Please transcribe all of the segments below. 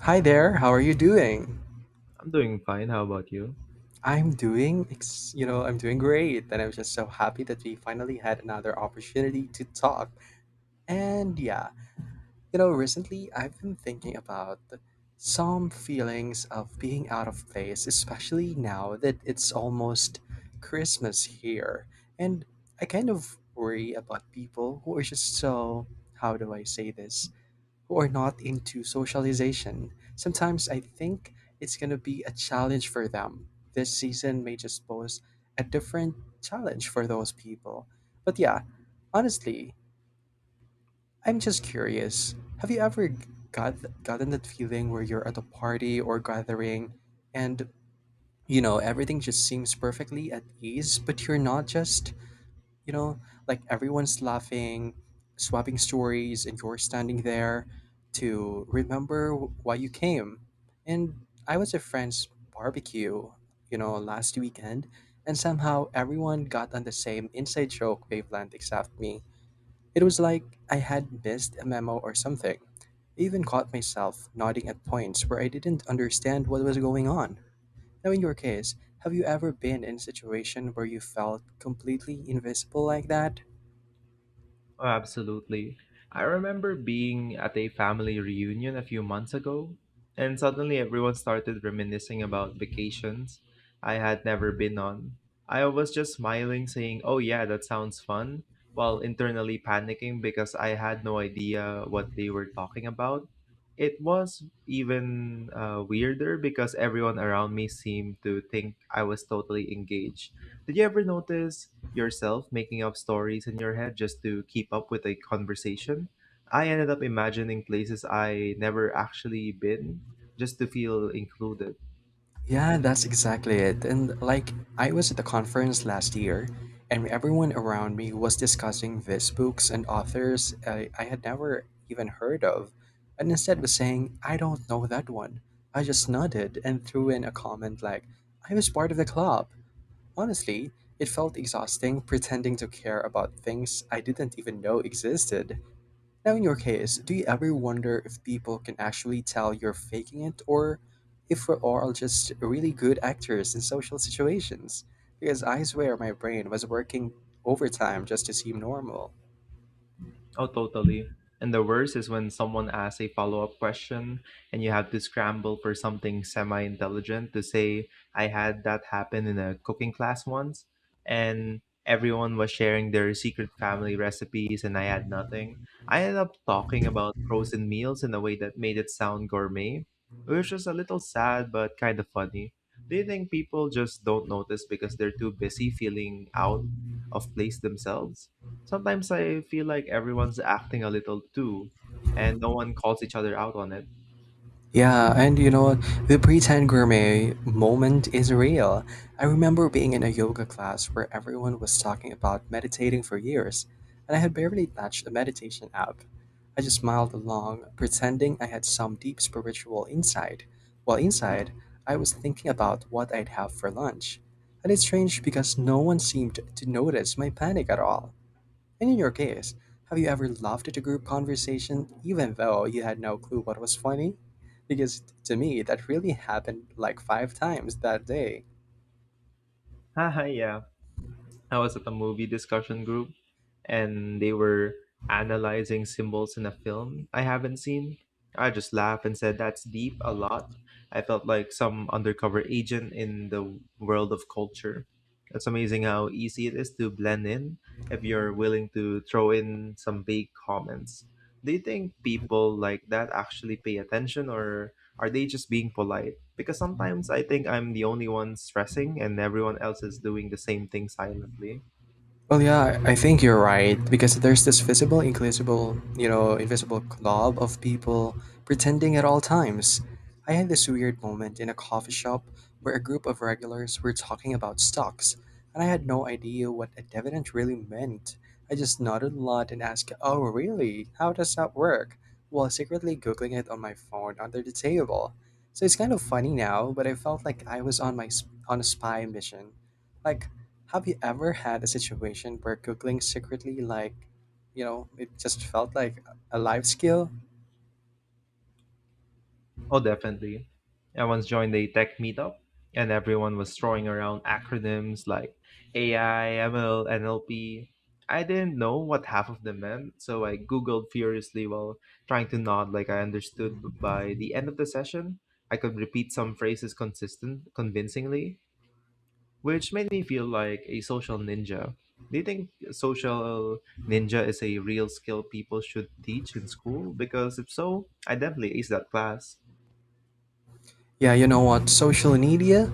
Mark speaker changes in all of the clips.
Speaker 1: Hi there, how are you doing?
Speaker 2: I'm doing fine. How about you?
Speaker 1: I'm doing, I'm doing great, and I'm just so happy that we finally had another opportunity to talk. And yeah, recently I've been thinking about some feelings of being out of place, especially now that it's almost Christmas here. And I kind of worry about people who are just so, how do I say this? Who are not into socialization. Sometimes I think it's going to be a challenge for them. This season may just pose a different challenge for those people. But yeah, honestly, I'm just curious. Have you ever got gotten that feeling where you're at a party or gathering and everything just seems perfectly at ease, but you're not just you know, like everyone's laughing, swapping stories, and you're standing there to remember why you came. And I was at friend's barbecue, last weekend, and somehow everyone got on the same inside joke wavelength except me. It was like I had missed a memo or something. I even caught myself nodding at points where I didn't understand what was going on. Now, in your case, have you ever been in a situation where you felt completely invisible like that?
Speaker 2: Oh, absolutely. I remember being at a family reunion a few months ago, and suddenly everyone started reminiscing about vacations I had never been on. I was just smiling, saying, "Oh, yeah, that sounds fun," while internally panicking because I had no idea what they were talking about. It was even weirder because everyone around me seemed to think I was totally engaged. Did you ever notice yourself making up stories in your head just to keep up with a conversation? I ended up imagining places I never actually been just to feel included.
Speaker 1: Yeah, that's exactly it. And like, I was at the conference last year, and everyone around me was discussing these books and authors I had never even heard of, and instead was saying, I don't know that one. I just nodded and threw in a comment like, I was part of the club. Honestly, it felt exhausting pretending to care about things I didn't even know existed. Now, in your case, do you ever wonder if people can actually tell you're faking it or if we're all just really good actors in social situations? Because I swear my brain was working overtime just to seem normal.
Speaker 2: Oh, totally. And the worst is when someone asks a follow-up question and you have to scramble for something semi-intelligent to say. I had that happen in a cooking class once, and everyone was sharing their secret family recipes and I had nothing. I ended up talking about frozen meals in a way that made it sound gourmet, which was a little sad but kind of funny. Do you think people just don't notice because they're too busy feeling out of place themselves? Sometimes I feel like everyone's acting a little too, and no one calls each other out on it.
Speaker 1: Yeah, and you know, the pretend gourmet moment is real. I remember being in a yoga class where everyone was talking about meditating for years, and I had barely touched a meditation app. I just smiled along, pretending I had some deep spiritual insight, while inside, I was thinking about what I'd have for lunch. And it's strange because no one seemed to notice my panic at all. And in your case, have you ever laughed at a group conversation even though you had no clue what was funny? Because to me, that really happened like five times that day.
Speaker 2: Haha, yeah. I was at a movie discussion group, and they were analyzing symbols in a film I haven't seen. I just laughed and said, "That's deep" a lot. I felt like some undercover agent in the world of culture. It's amazing how easy it is to blend in if you're willing to throw in some vague comments. Do you think people like that actually pay attention, or are they just being polite? Because sometimes I think I'm the only one stressing and everyone else is doing the same thing silently.
Speaker 1: Well, yeah, I think you're right because there's this visible, invisible, invisible club of people pretending at all times. I had this weird moment in a coffee shop where a group of regulars were talking about stocks, and I had no idea what a dividend really meant. I just nodded a lot and asked, "Oh, really? How does that work?" while secretly googling it on my phone under the table. So it's kind of funny now, but I felt like I was on a spy mission. Like have you ever had a situation where googling secretly, like, it just felt like a life skill?
Speaker 2: Oh, definitely. I once joined a tech meetup and everyone was throwing around acronyms like AI, ML, NLP. I didn't know what half of them meant, so I Googled furiously while trying to nod like I understood. By the end of the session, I could repeat some phrases convincingly, which made me feel like a social ninja. Do you think social ninja is a real skill people should teach in school? Because if so, I definitely ace that class.
Speaker 1: Yeah, you know what? Social media?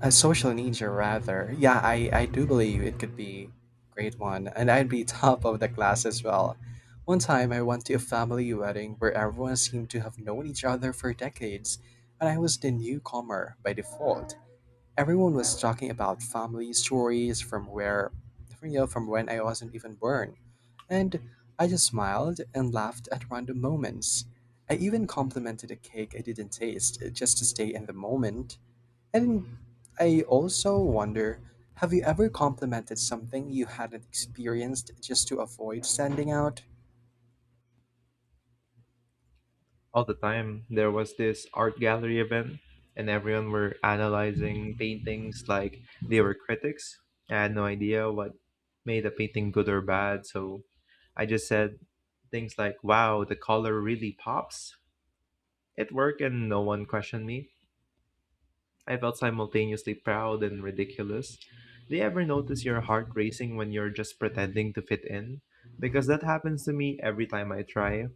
Speaker 1: A social media, rather. Yeah, I do believe it could be great one, and I'd be top of the class as well. One time, I went to a family wedding where everyone seemed to have known each other for decades, and I was the newcomer by default. Everyone was talking about family stories from, from when I wasn't even born. And I just smiled and laughed at random moments. I even complimented a cake I didn't taste just to stay in the moment. And I also wonder, have you ever complimented something you hadn't experienced just to avoid standing out?
Speaker 2: All the time. There was this art gallery event, and everyone were analyzing paintings like they were critics. I had no idea what made a painting good or bad, so I just said things like, "Wow, the color really pops." It worked, and no one questioned me. I felt simultaneously proud and ridiculous. Do you ever notice your heart racing when you're just pretending to fit in? Because that happens to me every time I try.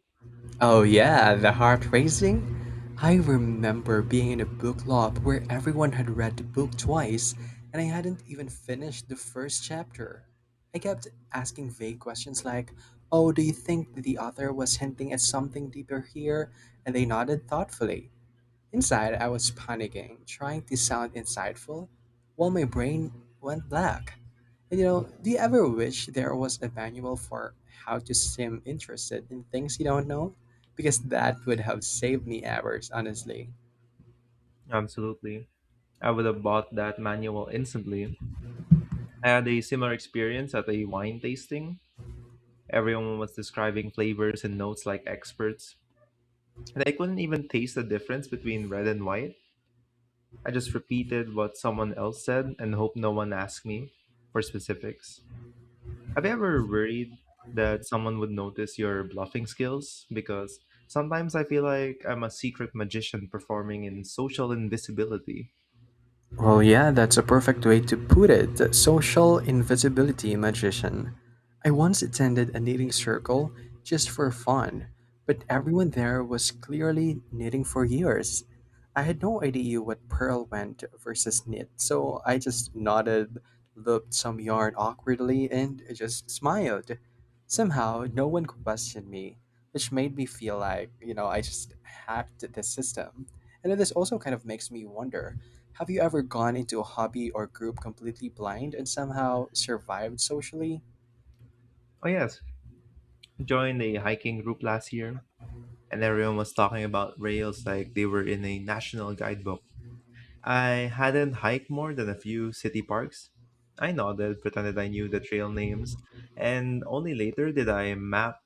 Speaker 1: Oh yeah, the heart racing? I remember being in a book club where everyone had read the book twice and I hadn't even finished the first chapter. I kept asking vague questions like, "Oh, do you think the author was hinting at something deeper here?" and they nodded thoughtfully. Inside, I was panicking, trying to sound insightful, while my brain went black. And you know, do you ever wish there was a manual for how to seem interested in things you don't know? Because that would have saved me hours, honestly.
Speaker 2: Absolutely. I would have bought that manual instantly. I had a similar experience at a wine tasting. Everyone was describing flavors and notes like experts, and I couldn't even taste the difference between red and white. I just repeated what someone else said and hoped no one asked me for specifics. Have you ever worried that someone would notice your bluffing skills? Because sometimes I feel like I'm a secret magician performing in social invisibility.
Speaker 1: Well, yeah, that's a perfect way to put it. Social invisibility magician. I once attended a knitting circle just for fun, but everyone there was clearly knitting for years. I had no idea what pearl went versus knit, so I just nodded, looked some yarn awkwardly, and just smiled. Somehow, no one questioned me, which made me feel like, I just hacked the system. And then this also kind of makes me wonder, have you ever gone into a hobby or group completely blind and somehow survived socially?
Speaker 2: Oh, yes. I joined a hiking group last year, and everyone was talking about rails like they were in a national guidebook. I hadn't hiked more than a few city parks. I nodded, pretended I knew the trail names, and only later did I map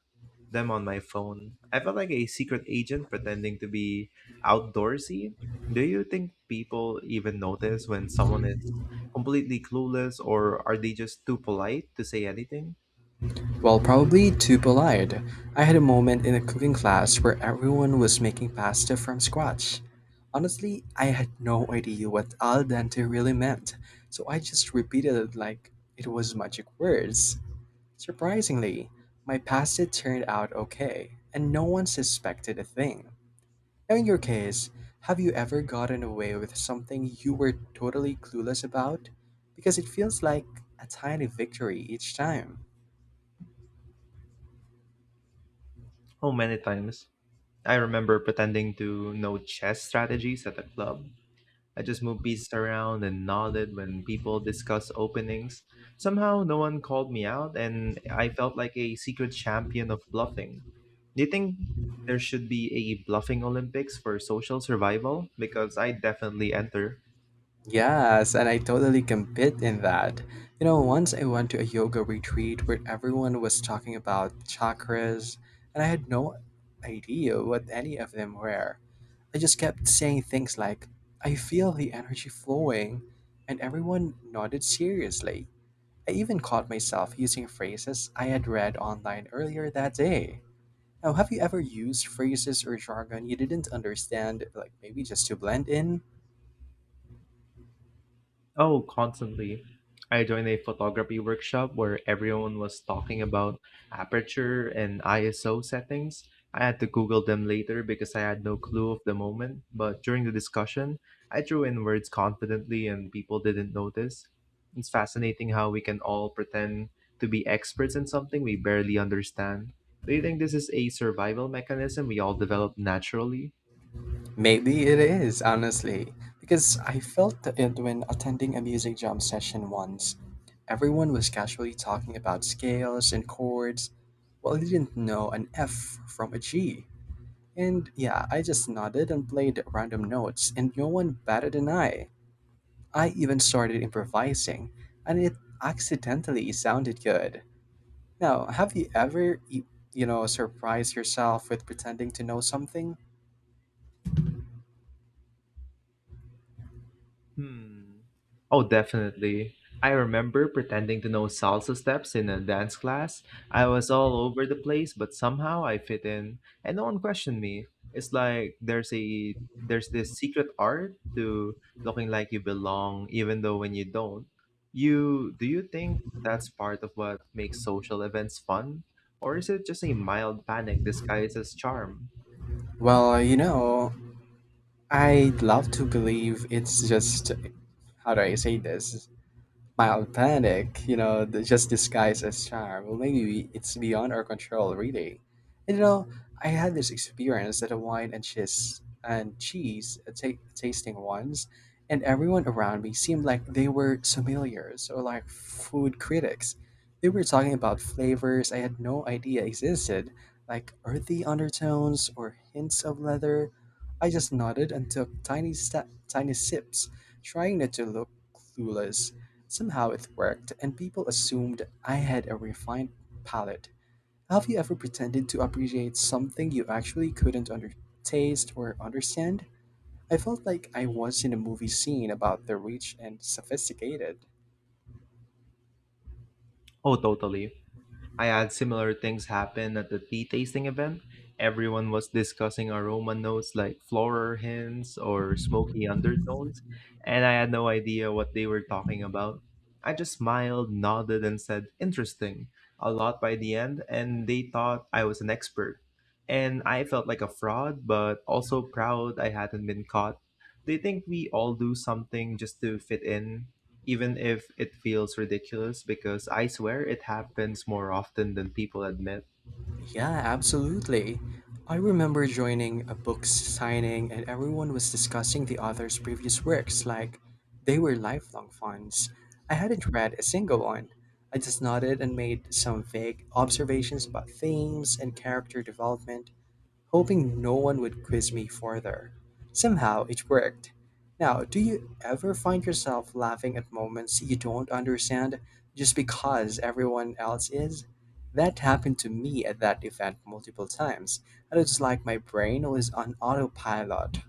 Speaker 2: them on my phone. I felt like a secret agent pretending to be outdoorsy. Do you think people even notice when someone is completely clueless, or are they just too polite to say anything?
Speaker 1: Well, probably too lied. I had a moment in a cooking class where everyone was making pasta from scratch. Honestly, I had no idea what al dente really meant, so I just repeated it like it was magic words. Surprisingly, my pasta turned out okay, and no one suspected a thing. Now, in your case, have you ever gotten away with something you were totally clueless about? Because it feels like a tiny victory each time.
Speaker 2: Oh, many times. I remember pretending to know chess strategies at a club. I just moved pieces around and nodded when people discussed openings. Somehow, no one called me out, and I felt like a secret champion of bluffing. Do you think there should be a bluffing Olympics for social survival? Because I definitely enter.
Speaker 1: Yes, and I totally compete in that. You know, once I went to a yoga retreat where everyone was talking about chakras, and I had no idea what any of them were. I just kept saying things like, I feel the energy flowing, and everyone nodded seriously. I even caught myself using phrases I had read online earlier that day. Now, have you ever used phrases or jargon you didn't understand, like maybe just to blend in?
Speaker 2: Oh, constantly. I joined a photography workshop where everyone was talking about aperture and ISO settings. I had to Google them later because I had no clue of the moment, but during the discussion, I threw in words confidently and people didn't notice. It's fascinating how we can all pretend to be experts in something we barely understand. Do you think this is a survival mechanism we all develop naturally?
Speaker 1: Maybe it is, honestly, because I felt it when attending a music jam session once. Everyone was casually talking about scales and chords, while they didn't know an F from a G. And yeah, I just nodded and played random notes, and no one batted an eye. I even started improvising, and it accidentally sounded good. Now, have you ever, surprised yourself with pretending to know something?
Speaker 2: Hmm. Oh, definitely. I remember pretending to know salsa steps in a dance class. I was all over the place, but somehow I fit in, and no one questioned me. It's like there's this secret art to looking like you belong, even though when you don't. You do you think that's part of what makes social events fun, or is it just a mild panic disguised as charm?
Speaker 1: Well, you know, I'd love to believe it's just, how do I say this? Mild panic, you know, just disguised as charm. Well, it's beyond our control, really. And, you know, I had this experience at a wine and cheese, ta tasting once, and everyone around me seemed like they were sommeliers or like food critics. They were talking about flavors I had no idea existed, like earthy undertones or hints of leather. I just nodded and took tiny sips, trying not to look clueless. Somehow it worked, and people assumed I had a refined palate. Have you ever pretended to appreciate something you actually couldn't taste or understand? I felt like I was in a movie scene about the rich and sophisticated.
Speaker 2: Oh, totally. I had similar things happen at the tea tasting event. Everyone was discussing aroma notes like floral hints or smoky undertones, and I had no idea what they were talking about. I just smiled, nodded, and said, "interesting," a lot by the end, and they thought I was an expert. And I felt like a fraud, but also proud I hadn't been caught. They think we all do something just to fit in, even if it feels ridiculous, because I swear it happens more often than people admit.
Speaker 1: Yeah, absolutely. I remember joining a book signing and everyone was discussing the author's previous works like they were lifelong fans. I hadn't read a single one. I just nodded and made some vague observations about themes and character development, hoping no one would quiz me further. Somehow it worked. Now, do you ever find yourself laughing at moments you don't understand just because everyone else is? That happened to me at that event multiple times, and it's like my brain was on autopilot.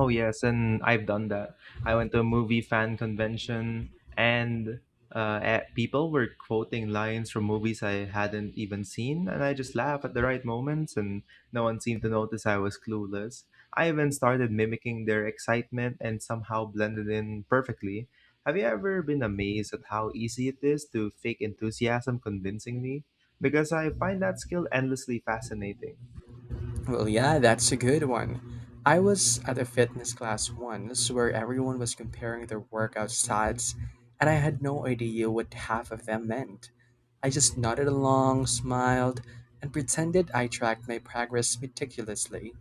Speaker 2: Oh yes, and I've done that. I went to a movie fan convention, and people were quoting lines from movies I hadn't even seen, and I just laughed at the right moments, and no one seemed to notice I was clueless. I even started mimicking their excitement and somehow blended in perfectly. Have you ever been amazed at how easy it is to fake enthusiasm convincingly? Because I find that skill endlessly fascinating.
Speaker 1: Well, yeah, that's a good one. I was at a fitness class once where everyone was comparing their workout stats, and I had no idea what half of them meant. I just nodded along, smiled, and pretended I tracked my progress meticulously.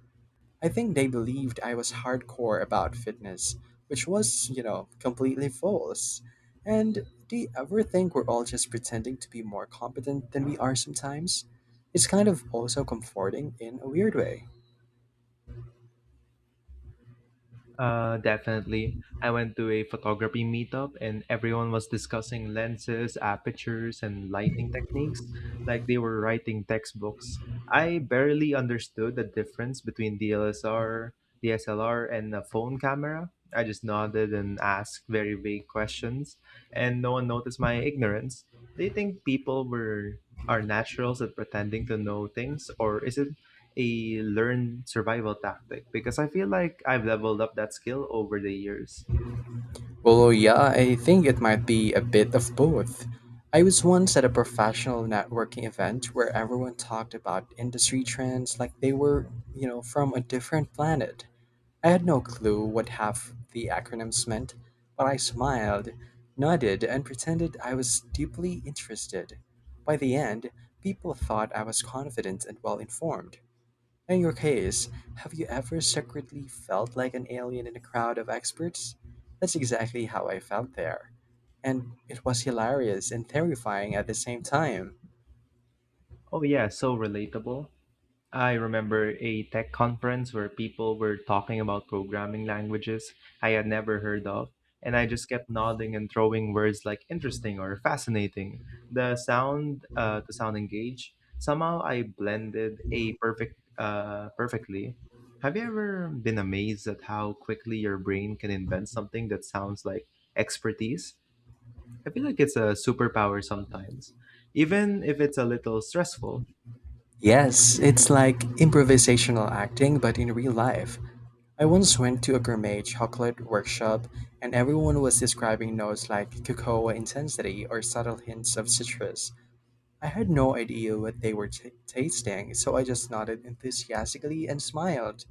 Speaker 1: I think they believed I was hardcore about fitness, which was, you know, completely false. And do you ever think we're all just pretending to be more competent than we are sometimes? It's kind of also comforting in a weird way.
Speaker 2: Definitely. I went to a photography meetup and everyone was discussing lenses, apertures, and lighting techniques like they were writing textbooks. I barely understood the difference between DSLR and a phone camera. I just nodded and asked very vague questions, and no one noticed my ignorance. Do you think people were are naturals at pretending to know things, or is it a learned survival tactic? Because I feel like I've leveled up that skill over the years.
Speaker 1: Well, yeah, I think it might be a bit of both. I was once at a professional networking event where everyone talked about industry trends like they were, you know, from a different planet. I had no clue what half the acronyms meant, but I smiled, nodded, and pretended I was deeply interested. By the end, people thought I was confident and well informed. In your case, have you ever secretly felt like an alien in a crowd of experts? That's exactly how I felt there. And it was hilarious and terrifying at the same time.
Speaker 2: Oh yeah, so relatable. I remember a tech conference where people were talking about programming languages I had never heard of, and I just kept nodding and throwing words like "interesting" or "fascinating." The sound to sound engaged. Somehow I blended a perfect perfectly. Have you ever been amazed at how quickly your brain can invent something that sounds like expertise? I feel like it's a superpower sometimes, even if it's a little stressful.
Speaker 1: Yes, it's like improvisational acting, but in real life. I once went to a gourmet chocolate workshop, and everyone was describing notes like cocoa intensity or subtle hints of citrus. I had no idea what they were tasting, so I just nodded enthusiastically and smiled.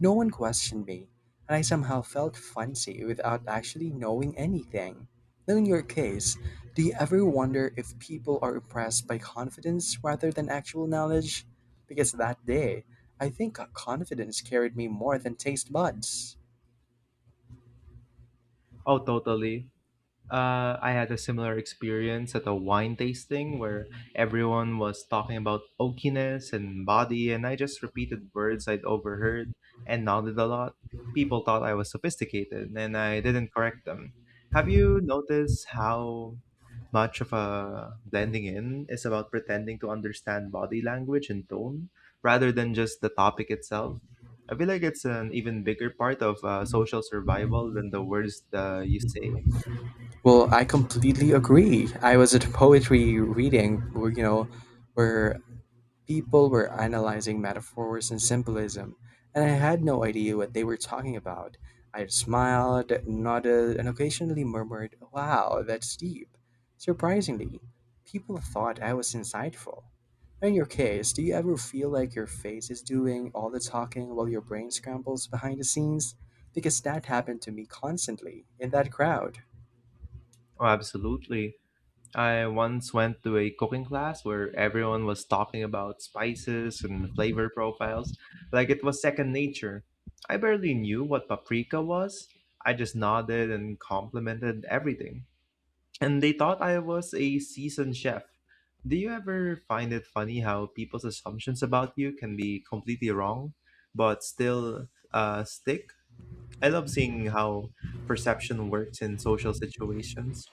Speaker 1: No one questioned me, and I somehow felt fancy without actually knowing anything. Now, in your case, do you ever wonder if people are impressed by confidence rather than actual knowledge? Because that day, I think confidence carried me more than taste buds.
Speaker 2: Oh, totally. I had a similar experience at a wine tasting where everyone was talking about oakiness and body, and I just repeated words I'd overheard and nodded a lot. People thought I was sophisticated, and I didn't correct them. Have you noticed how much of a blending in is about pretending to understand body language and tone rather than just the topic itself? I feel like it's an even bigger part of social survival than the words you say.
Speaker 1: Well, I completely agree. I was at a poetry reading, where people were analyzing metaphors and symbolism, and I had no idea what they were talking about. I smiled, nodded, and occasionally murmured, "Wow, that's deep." Surprisingly, people thought I was insightful. In your case, do you ever feel like your face is doing all the talking while your brain scrambles behind the scenes? Because that happened to me constantly in that crowd.
Speaker 2: Oh, absolutely. I once went to a cooking class where everyone was talking about spices and flavor profiles like it was second nature. I barely knew what paprika was. I just nodded and complimented everything. And they thought I was a seasoned chef. Do you ever find it funny how people's assumptions about you can be completely wrong, but still stick? I love seeing how perception works in social situations.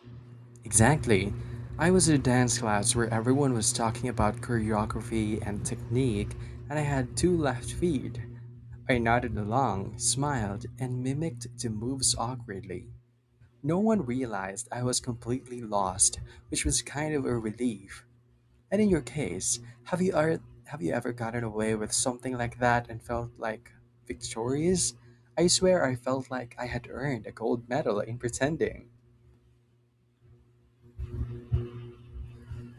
Speaker 1: Exactly. I was in a dance class where everyone was talking about choreography and technique, and I had two left feet. I nodded along, smiled, and mimicked the moves awkwardly. No one realized I was completely lost, which was kind of a relief. And in your case, have you ever gotten away with something like that and felt like victorious? I swear I felt like I had earned a gold medal in pretending.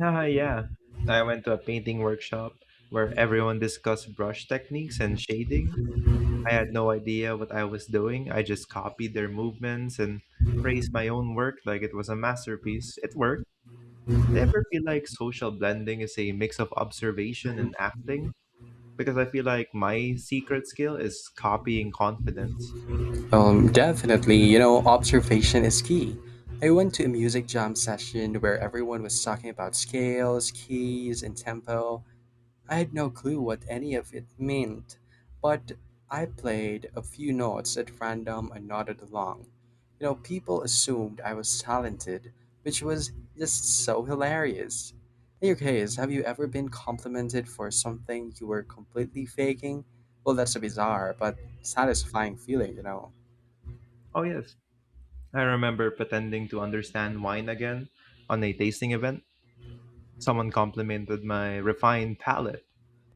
Speaker 2: Ah, yeah. I went to a painting workshop where everyone discussed brush techniques and shading. I had no idea what I was doing. I just copied their movements and praised my own work like it was a masterpiece. It worked. Do you ever feel like social blending is a mix of observation and acting? Because I feel like my secret skill is copying confidence.
Speaker 1: Definitely, you know, observation is key. I went to a music jam session where everyone was talking about scales, keys, and tempo. I had no clue what any of it meant, but I played a few notes at random and nodded along. You know, people assumed I was talented, which was just so hilarious. In your case, have you ever been complimented for something you were completely faking? Well, that's a bizarre but satisfying feeling, you know.
Speaker 2: Oh, yes. I remember pretending to understand wine again on a tasting event. Someone complimented my refined palate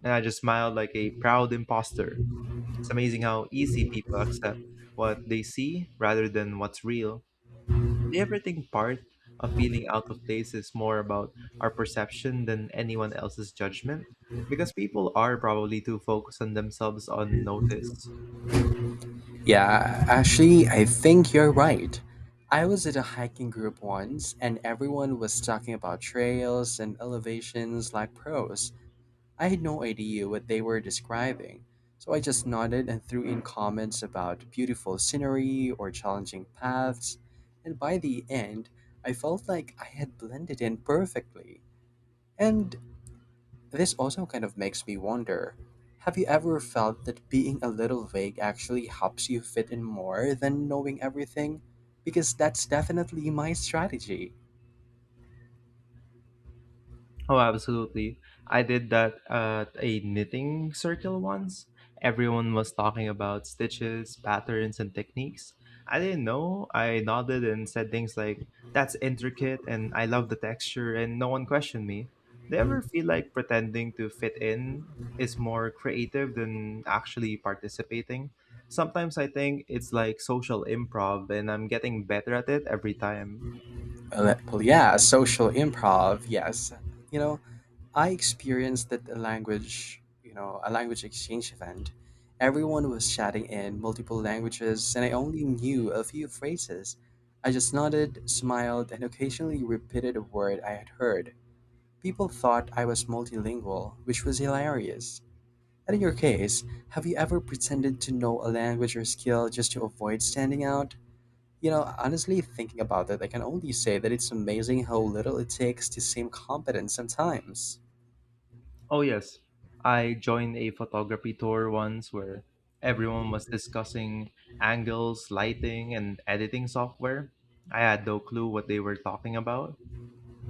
Speaker 2: and I just smiled like a proud imposter. It's amazing how easy people accept what they see rather than what's real. Do you ever think part of feeling out of place is more about our perception than anyone else's judgment? Because people are probably too focused on themselves on notice.
Speaker 1: Yeah, actually, I think you're right. I was at a hiking group once, and everyone was talking about trails and elevations like pros. I had no idea what they were describing, so I just nodded and threw in comments about beautiful scenery or challenging paths. And by the end, I felt like I had blended in perfectly. And this also kind of makes me wonder, have you ever felt that being a little vague actually helps you fit in more than knowing everything? Because that's definitely my strategy.
Speaker 2: Oh, absolutely. I did that at a knitting circle once. Everyone was talking about stitches, patterns, and techniques. I didn't know. I nodded and said things like, "That's intricate" and "I love the texture," and no one questioned me. Do you ever feel like pretending to fit in is more creative than actually participating? Sometimes I think it's like social improv, and I'm getting better at it every time.
Speaker 1: Well, yeah, social improv, yes. You know, I experienced that a language exchange event. Everyone was chatting in multiple languages, and I only knew a few phrases. I just nodded, smiled, and occasionally repeated a word I had heard. People thought I was multilingual, which was hilarious. And in your case, have you ever pretended to know a language or skill just to avoid standing out? You know, honestly, thinking about it, I can only say that it's amazing how little it takes to seem competent sometimes.
Speaker 2: Oh, yes. I joined a photography tour once where everyone was discussing angles, lighting, and editing software. I had no clue what they were talking about.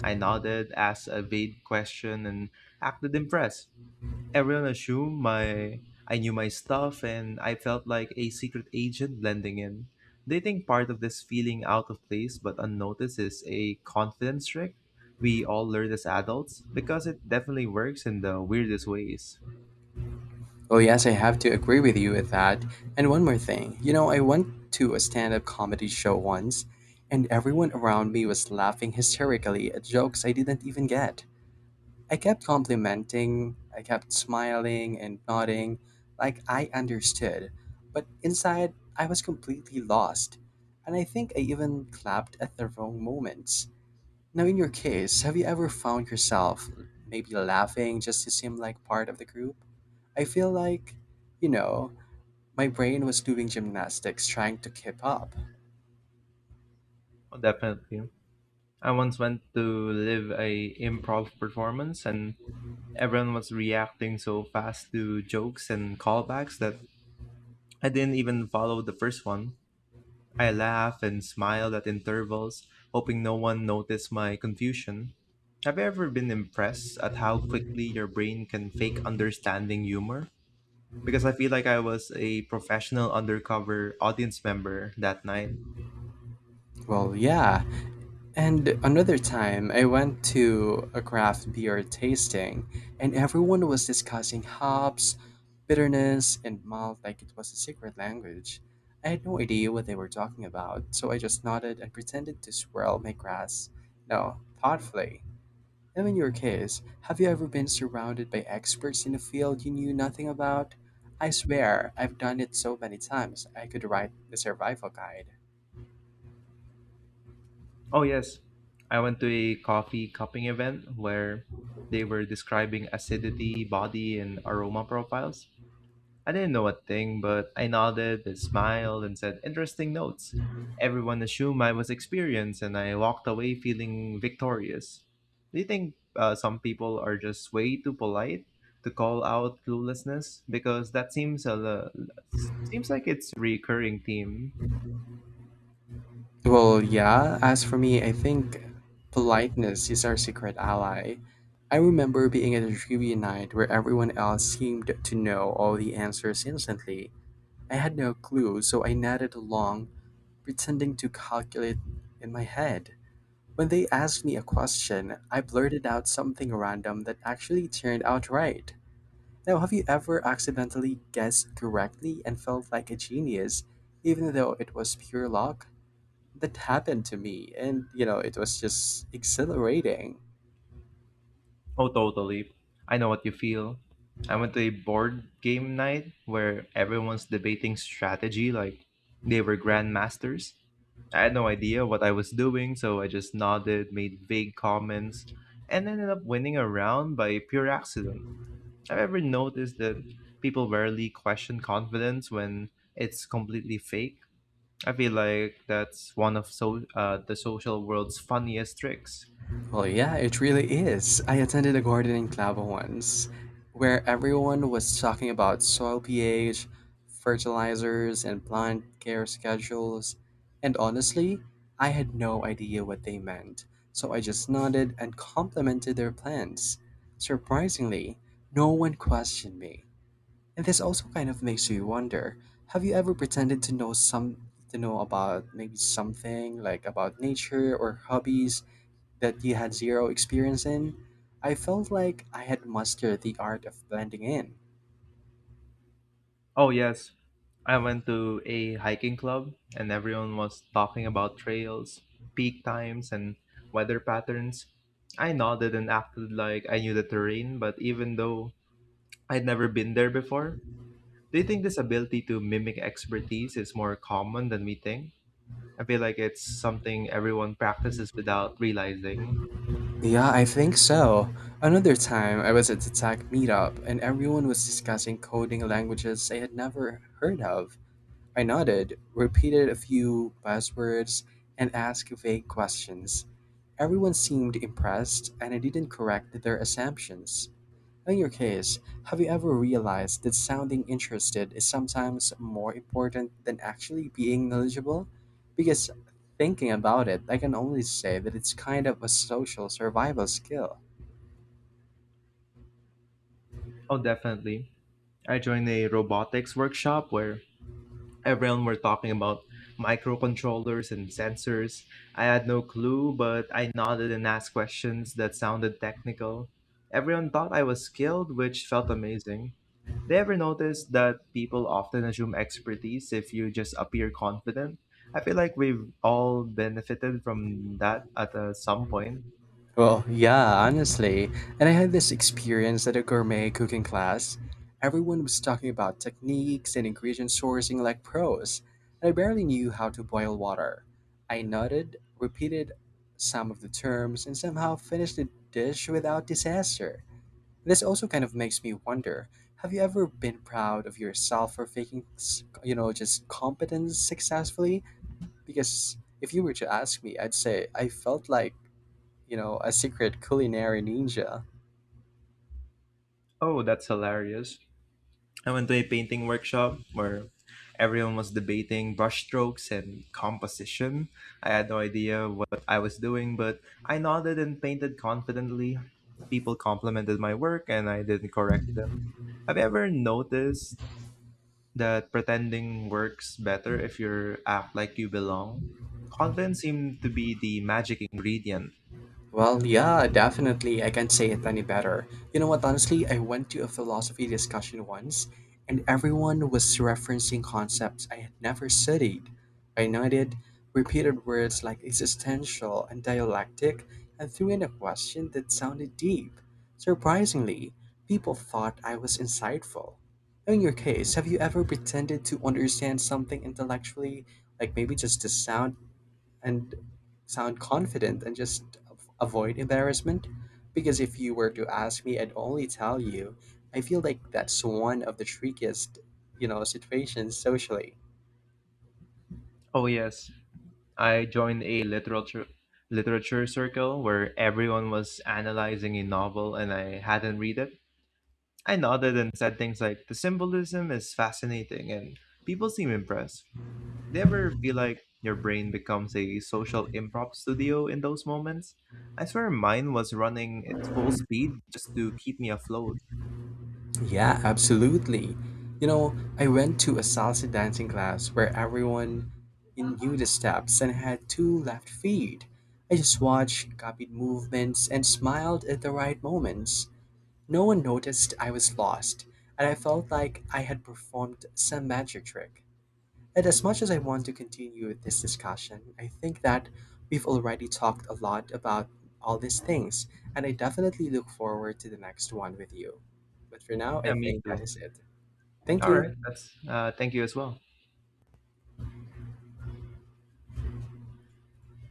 Speaker 2: I nodded, asked a vague question, and acted impressed. Everyone assumed my I knew my stuff and I felt like a secret agent blending in. They think part of this feeling out of place but unnoticed is a confidence trick we all learned as adults because it definitely works in the weirdest ways.
Speaker 1: Oh, yes, I have to agree with you with that. And one more thing, you know, I went to a stand up comedy show once, and everyone around me was laughing hysterically at jokes I didn't even get. I kept smiling and nodding like I understood, but inside I was completely lost, and I think I even clapped at the wrong moments. Now, in your case, have you ever found yourself maybe laughing just to seem like part of the group? I feel like, you know, my brain was doing gymnastics trying to keep up.
Speaker 2: Oh, definitely. I once went to live a improv performance and everyone was reacting so fast to jokes and callbacks that I didn't even follow the first one. I laughed and smiled at intervals, hoping no one noticed my confusion. Have you ever been impressed at how quickly your brain can fake understanding humor? Because I feel like I was a professional undercover audience member that night.
Speaker 1: Well, yeah. And another time, I went to a craft beer tasting, and everyone was discussing hops, bitterness, and malt like it was a secret language. I had no idea what they were talking about, so I just nodded and pretended to swirl my glass. No, thoughtfully. Now, in your case, have you ever been surrounded by experts in a field you knew nothing about? I swear, I've done it so many times, I could write the survival guide.
Speaker 2: Oh, yes. I went to a coffee cupping event where they were describing acidity, body, and aroma profiles. I didn't know a thing, but I nodded and smiled and said interesting notes. Everyone assumed I was experienced, and I walked away feeling victorious. Do you think some people are just way too polite to call out cluelessness? Because that seems like it's a recurring theme.
Speaker 1: Well, yeah, as for me, I think politeness is our secret ally. I remember being at a trivia night where everyone else seemed to know all the answers instantly. I had no clue, so I nodded along, pretending to calculate in my head. When they asked me a question, I blurted out something random that actually turned out right. Now, have you ever accidentally guessed correctly and felt like a genius, even though it was pure luck? That happened to me, and you know, it was just exhilarating.
Speaker 2: Oh, totally. I know what you feel. I went to a board game night where everyone's debating strategy like they were grandmasters. I had no idea what I was doing, so I just nodded, made vague comments, and ended up winning a round by pure accident. I've ever noticed that people rarely question confidence when it's completely fake. I feel like that's one of the social world's funniest tricks.
Speaker 1: Well, yeah, it really is. I attended a gardening club once where everyone was talking about soil pH, fertilizers, and plant care schedules, and honestly, I had no idea what they meant, so I just nodded and complimented their plants. Surprisingly, no one questioned me. And this also kind of makes you wonder, have you ever pretended to know about maybe something like about nature or hobbies that you had zero experience in? I felt like I had mastered the art of blending in.
Speaker 2: Oh yes, I went to a hiking club and everyone was talking about trails, peak times, and weather patterns. I nodded and acted like I knew the terrain, but even though I'd never been there before. Do you think this ability to mimic expertise is more common than we think? I feel like it's something everyone practices without realizing.
Speaker 1: Yeah, I think so. Another time, I was at the tech meetup and everyone was discussing coding languages I had never heard of. I nodded, repeated a few buzzwords, and asked vague questions. Everyone seemed impressed, and I didn't correct their assumptions. In your case, have you ever realized that sounding interested is sometimes more important than actually being knowledgeable? Because thinking about it, I can only say that it's kind of a social survival skill.
Speaker 2: Oh, definitely. I joined a robotics workshop where everyone were talking about microcontrollers and sensors. I had no clue, but I nodded and asked questions that sounded technical. Everyone thought I was skilled, which felt amazing. They ever notice that people often assume expertise if you just appear confident? I feel like we've all benefited from that at some point.
Speaker 1: Well, yeah, honestly. And I had this experience at a gourmet cooking class. Everyone was talking about techniques and ingredient sourcing like pros, and I barely knew how to boil water. I nodded, repeated some of the terms, and somehow finished the dish without disaster. This also kind of makes me wonder, have you ever been proud of yourself for faking, you know, just competence successfully? Because if you were to ask me, I'd say I felt like, you know, a secret culinary ninja.
Speaker 2: Oh, that's hilarious. I went to a painting workshop where everyone was debating brushstrokes and composition. I had no idea what I was doing, but I nodded and painted confidently. People complimented my work and I didn't correct them. Have you ever noticed that pretending works better if you act like you belong? Confidence seemed to be the magic ingredient.
Speaker 1: Well, yeah, definitely. I can't say it any better. You know what? Honestly, I went to a philosophy discussion once, and everyone was referencing concepts I had never studied. I noted, repeated words like existential and dialectic, and threw in a question that sounded deep. Surprisingly, people thought I was insightful. In your case, have you ever pretended to understand something intellectually, like maybe just the sound? And sound confident and just avoid embarrassment. Because if you were to ask me, I'd only tell you, I feel like that's one of the trickiest, you know, situations socially.
Speaker 2: Oh yes, I joined a literature circle where everyone was analyzing a novel and I hadn't read it. I nodded and said things like the symbolism is fascinating, and people seem impressed. Do you ever feel like your brain becomes a social improv studio in those moments? I swear mine was running at full speed just to keep me afloat.
Speaker 1: Yeah, absolutely. You know, I went to a salsa dancing class where everyone knew the steps and had two left feet. I just watched, copied movements, and smiled at the right moments. No one noticed I was lost, and I felt like I had performed some magic trick. And as much as I want to continue this discussion, I think that we've already talked a lot about all these things, and I definitely look forward to the next one with you. But for now, I
Speaker 2: Yeah, me
Speaker 1: think that
Speaker 2: too.
Speaker 1: is it. Thank
Speaker 2: All right.
Speaker 1: you.
Speaker 2: That's thank you as well.